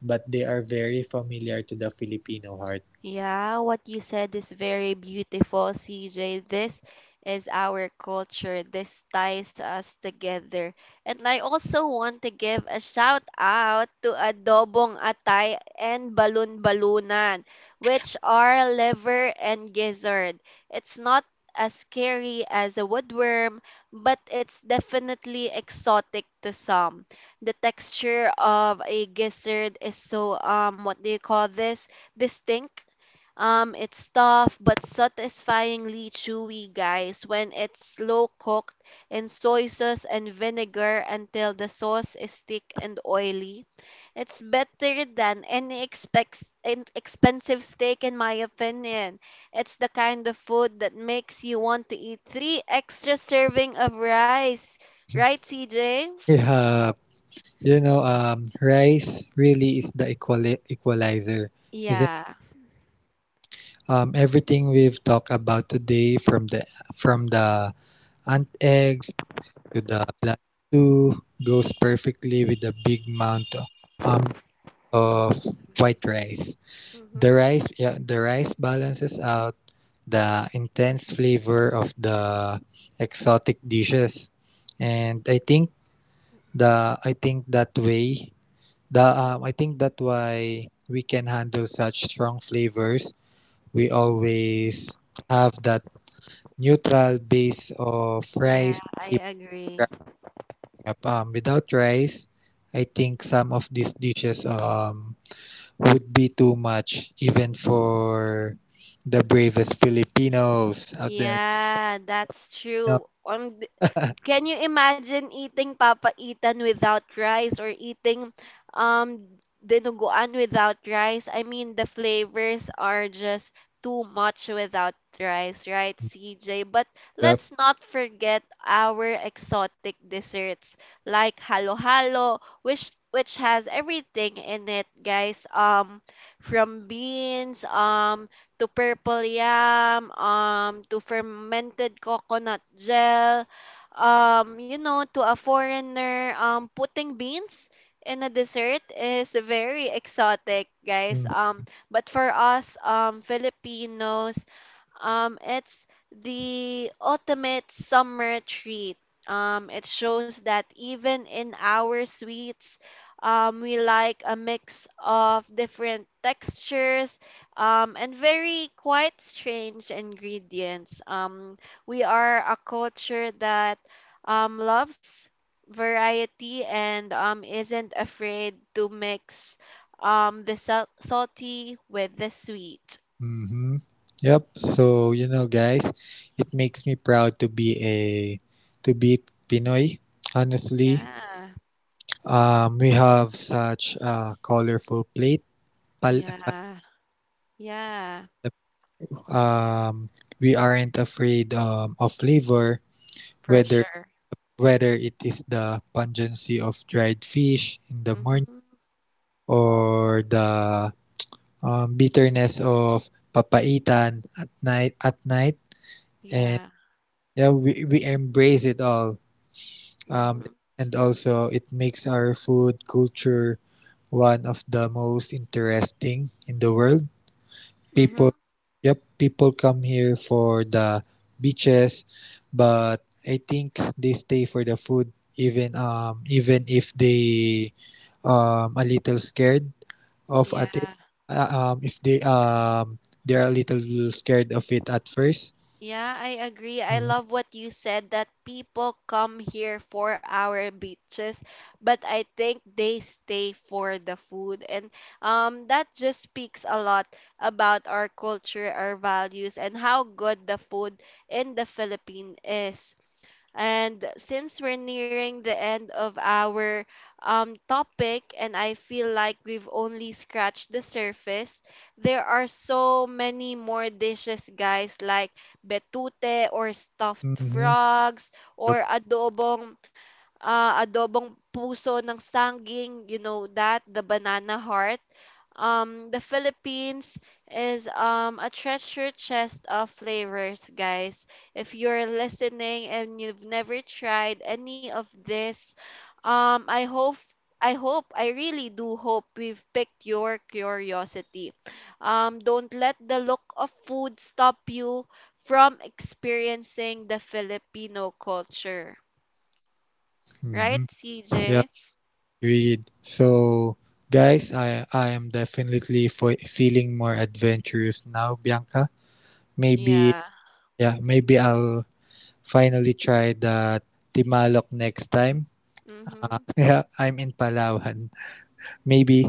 B: but they are very familiar to the Filipino heart.
A: Yeah, what you said is very beautiful, CJ. This is our culture. This ties us together. And I also want to give a shout out to Adobong Atay and Balun Balunan, which are liver and gizzard. It's not as scary as a woodworm, but it's definitely exotic to some. The texture of a gizzard is so what do you call this? Distinct. It's tough but satisfyingly chewy, guys, when it's slow cooked in soy sauce and vinegar until the sauce is thick and oily. It's better than any an expensive steak, in my opinion. It's the kind of food that makes you want to eat three extra serving of rice.
B: *laughs*
A: Right, CJ?
B: Yeah. You know, rice really is the equalizer, isn't it?
A: Yeah.
B: Everything we've talked about today, from the ant eggs to the plant stew, goes perfectly with the big amount of, um, of white rice.
A: Mm-hmm.
B: The rice balances out the intense flavor of the exotic dishes, and I think that way. The
A: Mm-hmm.
B: I think that why we can handle such strong flavors. We always have that neutral base of
A: Yeah,
B: rice to
A: I
B: keep
A: agree.
B: growing up. Without rice, I think some of these dishes would be too much even for the bravest Filipinos out there.
A: Yeah, that's
B: You know?
A: true. Can you imagine eating papaitan without rice or eating um dinuguan without rice? I mean, the flavors are just too much without rice, right, CJ? But
B: *laughs*
A: let's
B: Yep.
A: not forget our exotic desserts like halo-halo, which has everything in it, guys. From beans, to purple yam, to fermented coconut gel, you know, to a foreigner, putting beans in a dessert is very exotic, guys.
B: Mm.
A: But for us, Filipinos, it's the ultimate summer treat. It shows that even in our sweets, we like a mix of different textures, and very quite strange ingredients. We are a culture that loves variety and isn't afraid to mix, salty with the sweet.
B: Mm-hmm. Yep. So you know, guys, it makes me proud to be a to be Pinoy. Honestly,
A: Yeah.
B: we have such a colorful plate. Pal- pal-
A: Yeah, yeah,
B: um, we aren't afraid, of flavor,
A: for
B: whether
A: sure.
B: whether it is the pungency of dried fish in the morning,
A: Mm-hmm.
B: or the bitterness of papaitan at night. At night, and
A: Yeah.
B: yeah, we embrace it all.
A: Mm-hmm.
B: Um, and also, it makes our food culture one of the most interesting in the world.
A: Mm-hmm.
B: People, yep, People come here for the beaches, but I think they stay for the food, even, even if they a little scared of
A: Yeah.
B: at it. Uh, if they They're a little scared of it at first.
A: Yeah, I agree. I
B: Mm-hmm.
A: love what you said that people come here for our beaches, but I think they stay for the food. And that just speaks a lot about our culture, our values, and how good the food in the Philippines is. And since we're nearing the end of our topic, and I feel like we've only scratched the surface, there are so many more dishes, guys, like betute or stuffed
B: Mm-hmm.
A: frogs or
B: Yep.
A: adobong, adobong puso ng sanging, you know that, the banana heart. The Philippines is a treasure chest of flavors, guys. If you're listening and you've never tried any of this, um I hope I hope, I really do hope we've picked your curiosity. Don't let the look of food stop you from experiencing the Filipino culture. Right,
B: Mm-hmm.
A: CJ?
B: Yeah. Agreed. So, guys, I am definitely feeling more adventurous now, Bianca. Maybe
A: Yeah.
B: yeah, maybe I'll finally try the Timalok next time.
A: Mm-hmm.
B: *laughs* Yeah, I'm in Palawan, maybe,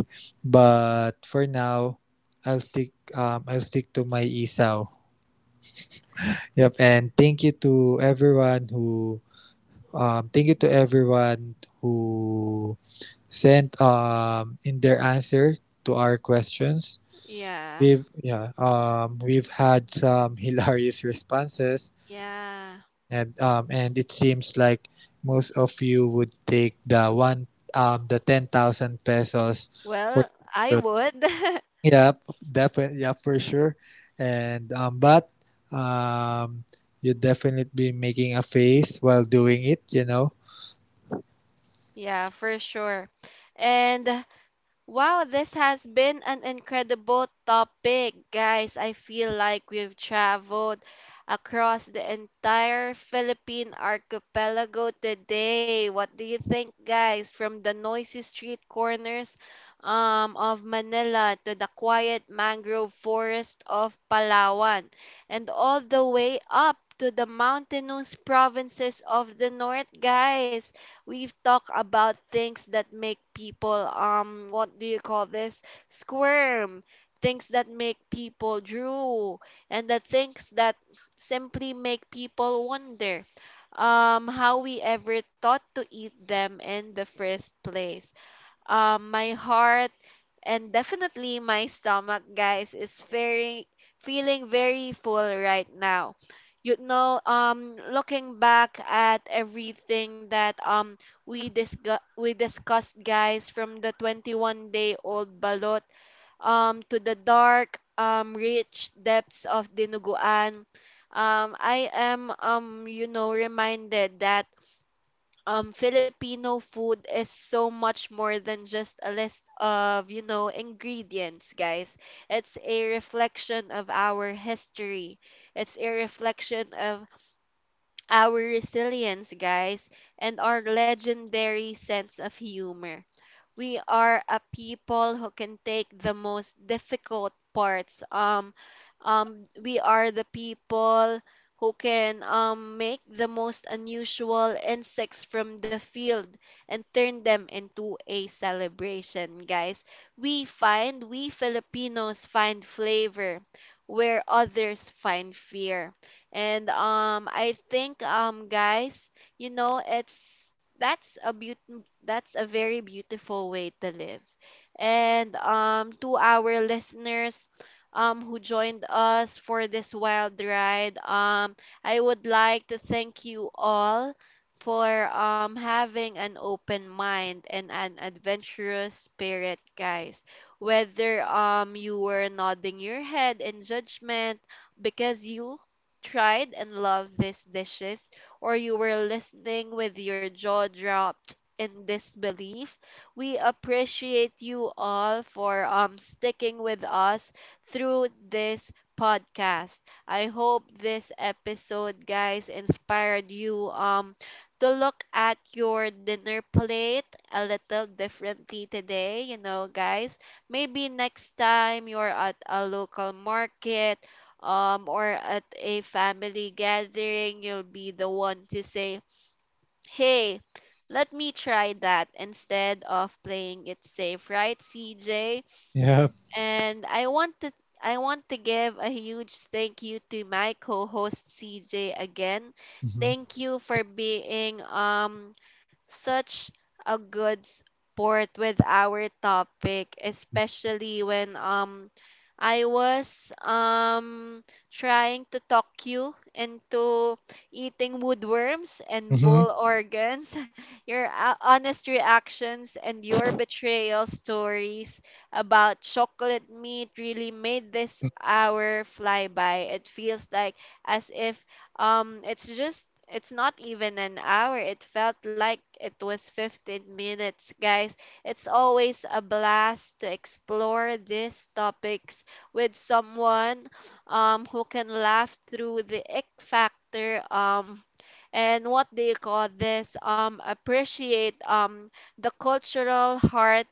B: but for now, I'll stick to my isaw. Yep, and thank you to
A: Mm-hmm.
B: everyone who sent, in their answer to our questions.
A: Yeah.
B: We've yeah, we've had some *laughs* hilarious responses,
A: Yeah.
B: and it seems like most of you would take the 10,000 pesos for
A: Well,
B: the
A: I
B: balot.
A: would. *laughs*
B: Yeah, definitely, yeah, for sure, and but um you'd definitely be making a face while doing it, you know.
A: Yeah, for sure. And wow, this has been an incredible topic, guys. I feel like we've traveled across the entire Philippine archipelago today. What do you think, guys? From the noisy street corners of Manila to the quiet mangrove forest of Palawan, and all the way up to the mountainous provinces of the north, guys. We've talked about things that make people, what do you call this? Squirm. Things that make people drool. And the things that simply make people wonder how we ever thought to eat them in the first place. My heart, and definitely my stomach, guys, is very feeling very full right now. You know, looking back at everything that we discussed, guys, from the 21-day-old Balot to the dark rich depths of Dinuguan. I am reminded that Filipino food is so much more than just a list of, you know, ingredients, guys. It's a reflection of our history. It's a reflection of our resilience, guys, and our legendary sense of humor. We are a people who can take the most difficult parts. We are the people who can make the most unusual insects from the field and turn them into a celebration, guys. We Filipinos find flavor where others find fear. And I think, guys, you know, it's that's a very beautiful way to live. And to our listeners who joined us for this wild ride, I would like to thank you all for having an open mind and an adventurous spirit, guys. Whether you were nodding your head in judgment because you tried and loved these dishes, or you were listening with your jaw dropped in disbelief. We appreciate you all for sticking with us through this podcast. I hope this episode, guys, inspired you to look at your dinner plate a little differently today, you know, guys. Maybe next time you're at a local market or at a family gathering, you'll be the one to say, "Hey, let me try that," instead of playing it safe, right, CJ?
B: Yeah.
A: And I want to give a huge thank you to my co-host CJ again.
B: Hmm.
A: Thank you for being such a good sport with our topic, especially when I was trying to talk you into eating woodworms and bull
B: Hmm.
A: organs. *laughs* Your honest reactions and your betrayal stories about chocolate meat really made this hour fly by. It feels like, as if, um it's just it's not even an hour. It felt like it was 15 minutes, guys. It's always a blast to explore these topics with someone, who can laugh through the ick factor. And what do you call this, appreciate the cultural heart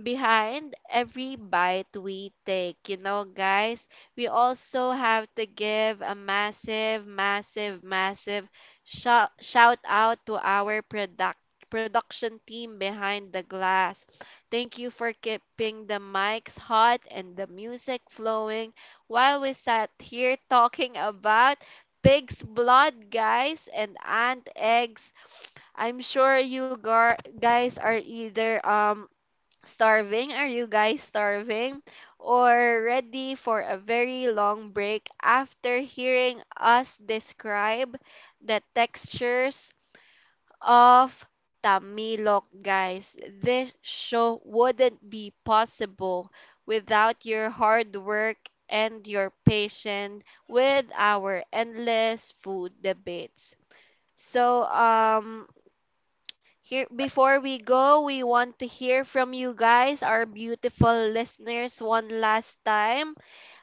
A: behind every bite we take, you know, guys. We also have to give a massive, massive shout, out to our production team behind the glass. Thank you for keeping the mics hot and the music flowing while we sat here talking about pig's blood, guys, and ant eggs. I'm sure you guys are either starving. Are you guys starving? Or ready for a very long break after hearing us describe the textures of Tamilok, guys. This show wouldn't be possible without your hard work and your patience with our endless food debates. So, here, before we go, we want to hear from you guys, our beautiful listeners, one last time.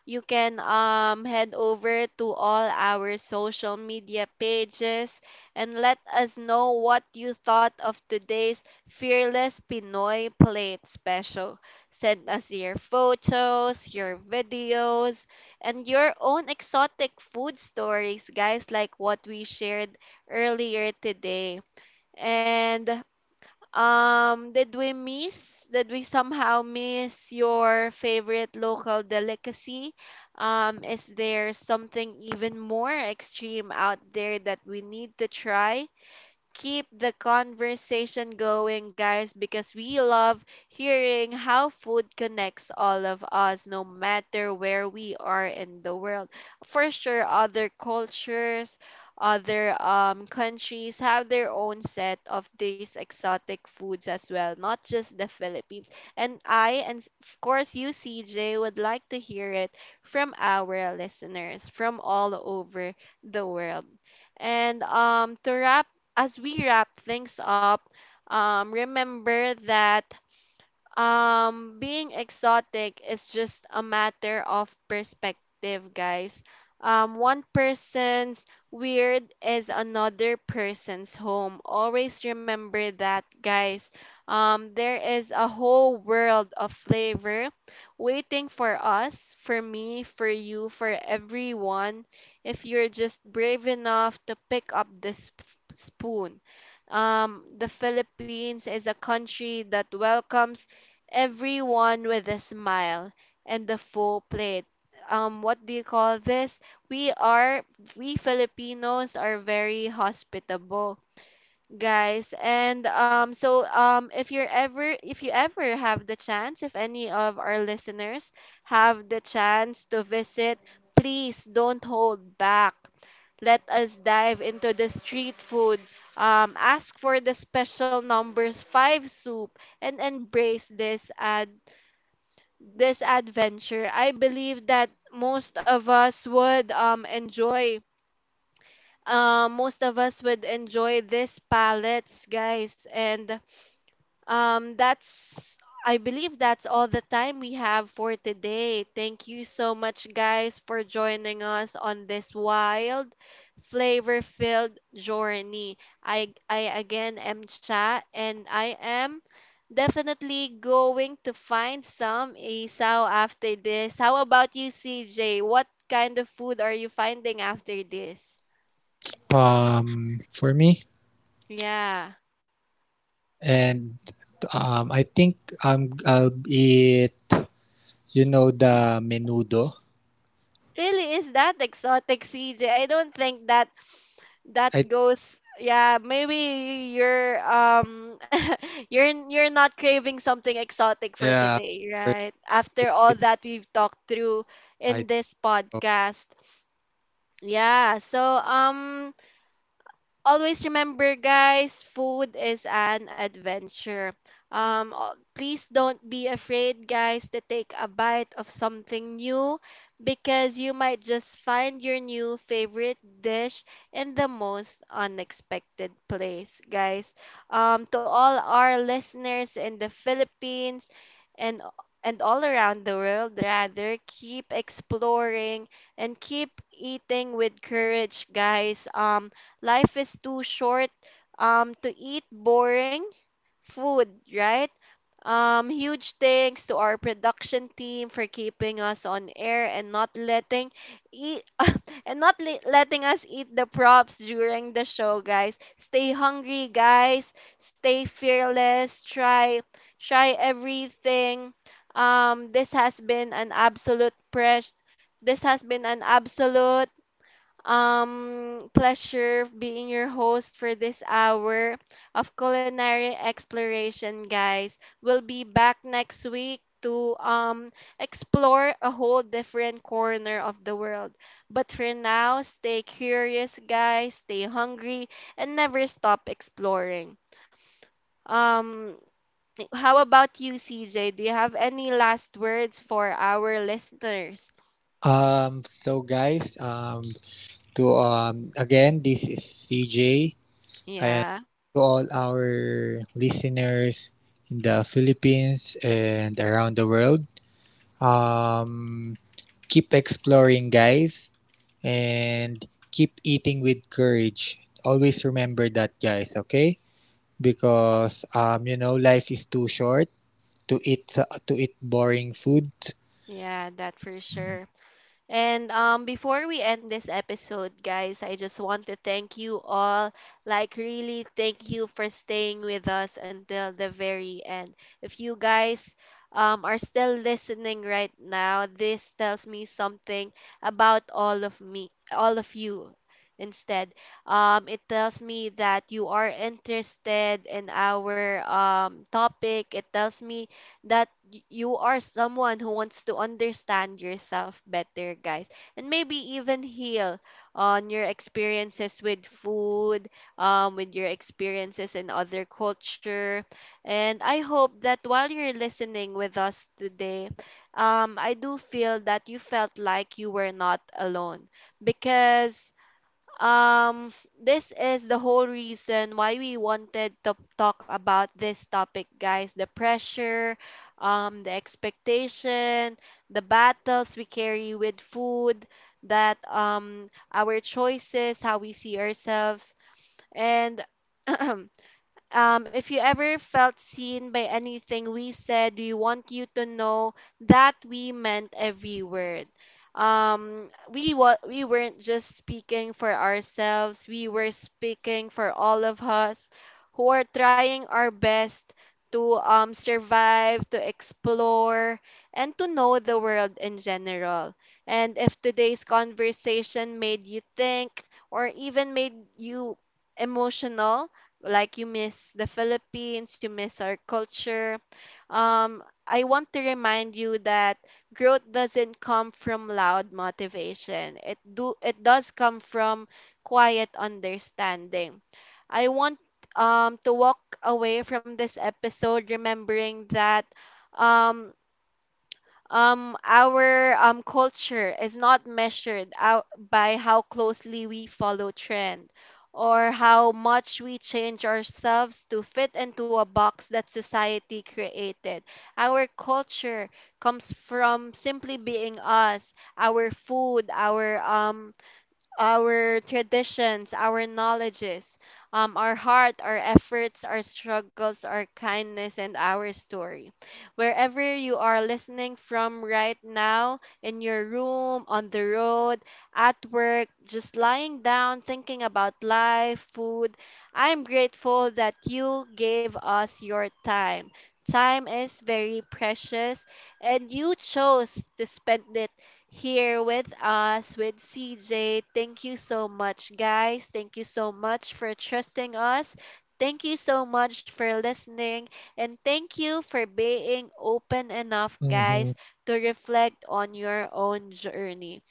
A: You can head over to all our social media pages and let us know what you thought of today's Fearless Pinoy Plate special. Send us your photos, your videos, and your own exotic food stories, guys, like what we shared earlier today. And did we somehow miss your favorite local delicacy? Is there something even more extreme out there that we need to try? Keep the conversation going, guys, because we love hearing how food connects all of us, no matter where we are in the world. For sure, other cultures, other countries have their own set of these exotic foods as well, not just the Philippines. And of course, you, CJ, would like to hear it from our listeners from all over the world. And to wrap as we wrap things up, remember that being exotic is just a matter of perspective, guys. One person's weird is another person's home. Always remember that, guys. There is a whole world of flavor waiting for us, for me, for you, for everyone, if you're just brave enough to pick up the spoon. Um, the Philippines is a country that welcomes everyone with a smile and the full plate. What do you call this? We are, we Filipinos are very hospitable, guys, and if you ever have the chance, if any of our listeners have the chance to visit, please don't hold back. Let us dive into the street food, ask for the special numbers 5 soup and embrace this adventure. I believe that most of us would enjoy most of us would enjoy these palettes, guys. And um, that's, I believe that's all the time we have for today. Thank you so much, guys, for joining us on this wild, flavor-filled journey. I again am Cha, and I am definitely going to find some isaw after this. How about you, CJ? What kind of food are you finding after this?
B: For me
A: Yeah.
B: and I think I'll be, you know, the menudo?
A: Really, is that exotic, CJ? I don't think that that
B: I
A: goes. Yeah, maybe you're *laughs* you're not craving something exotic for
B: yeah,
A: today,
B: or I
A: right,
B: think
A: after all
B: it's
A: that we've talked through in
B: Aito.
A: this podcast. Yeah, so, um, always remember, guys, food is an adventure. Please don't be afraid, guys, to take a bite of something new, because you might just find your new favorite dish in the most unexpected place, guys. To all our listeners in the Philippines, and and all around the world, rather, keep exploring and keep eating with courage, guys. Life is too short to eat boring food, right? Huge thanks to our production team for keeping us on air and not letting eat *laughs* and not letting us eat the props during the show, guys. Stay hungry, guys. Stay fearless. Try everything. This has been an absolute press. This has been an absolute pleasure being your host for this hour of culinary exploration, guys. We'll be back next week to explore a whole different corner of the world. But for now, stay curious, guys, stay hungry, and never stop exploring. Um, how about you, CJ? Do you have any last words for our listeners?
B: So, guys, to again, this is CJ, and
A: Yeah,
B: to all our listeners in the Philippines and around the world, um, keep exploring, guys, and keep eating with courage. Always remember that, guys. Okay, because, you know, life is too short to eat boring food.
A: yeah, that for sure. And before we end this episode, guys, I just want to thank you all. Like, really, thank you for staying with us until the very end. If you guys are still listening right now, this tells me something about all of me, all of you. Instead, it tells me that you are interested in our topic. It tells me that you are someone who wants to understand yourself better, guys, and maybe even heal on your experiences with food, with your experiences in other culture. And I hope that while you're listening with us today, I do feel that you felt like you were not alone, because, um, this is the whole reason why we wanted to talk about this topic, guys. The pressure, the expectation, the battles we carry with food, that our choices, how we see ourselves, and *clears throat* um, if you ever felt seen by anything we said, we want you to know that we meant every word. Um, we weren't just speaking for ourselves. We were speaking for all of us who are trying our best to survive, to explore, and to know the world in general. And if today's conversation made you think or even made you emotional, like you miss the Philippines, you miss our culture. Um, I want to remind you that growth doesn't come from loud motivation. It do it does come from quiet understanding. I want to walk away from this episode remembering that um our culture is not measured out by how closely we follow trend, or how much we change ourselves to fit into a box that society created. Our culture comes from simply being us, our food, our traditions, our knowledges, our heart, our efforts, our struggles, our kindness, and our story. Wherever you are listening from right now, in your room, on the road, at work, just lying down, thinking about life, food, I'm grateful that you gave us your time. Time is very precious, and you chose to spend it here with us, with CJ. Thank you so much, guys. Thank you so much for trusting us. Thank you so much for listening. And thank you for being open enough,
B: Mm-hmm. All
A: guys, to reflect on your own journey.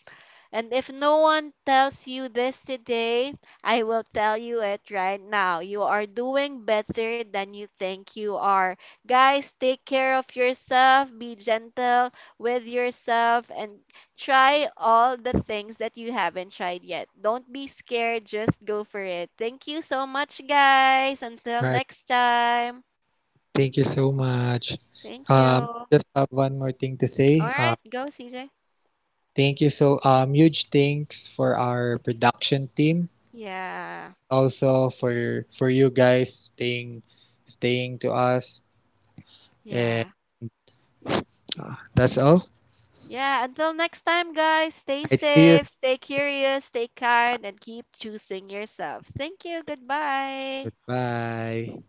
A: And if no one tells you this today, I will tell you it right now. You are doing better than you think you are. Guys, take care of yourself, be gentle with yourself, and try all the things that you haven't tried yet. Don't be scared, just go for it. Thank you so much, guys. Until
B: right.
A: next time.
B: Thank you so much.
A: Thank you. All
B: Just have one more thing to say.
A: right, go, CJ.
B: Thank you so, huge thanks for our production team.
A: Yeah,
B: Also for you guys staying to us. And
A: yeah.
B: that's all.
A: Yeah, until next time, guys, stay
B: I see you.
A: safe, stay curious, stay kind, and keep choosing yourself. Thank you. Goodbye.
B: Goodbye.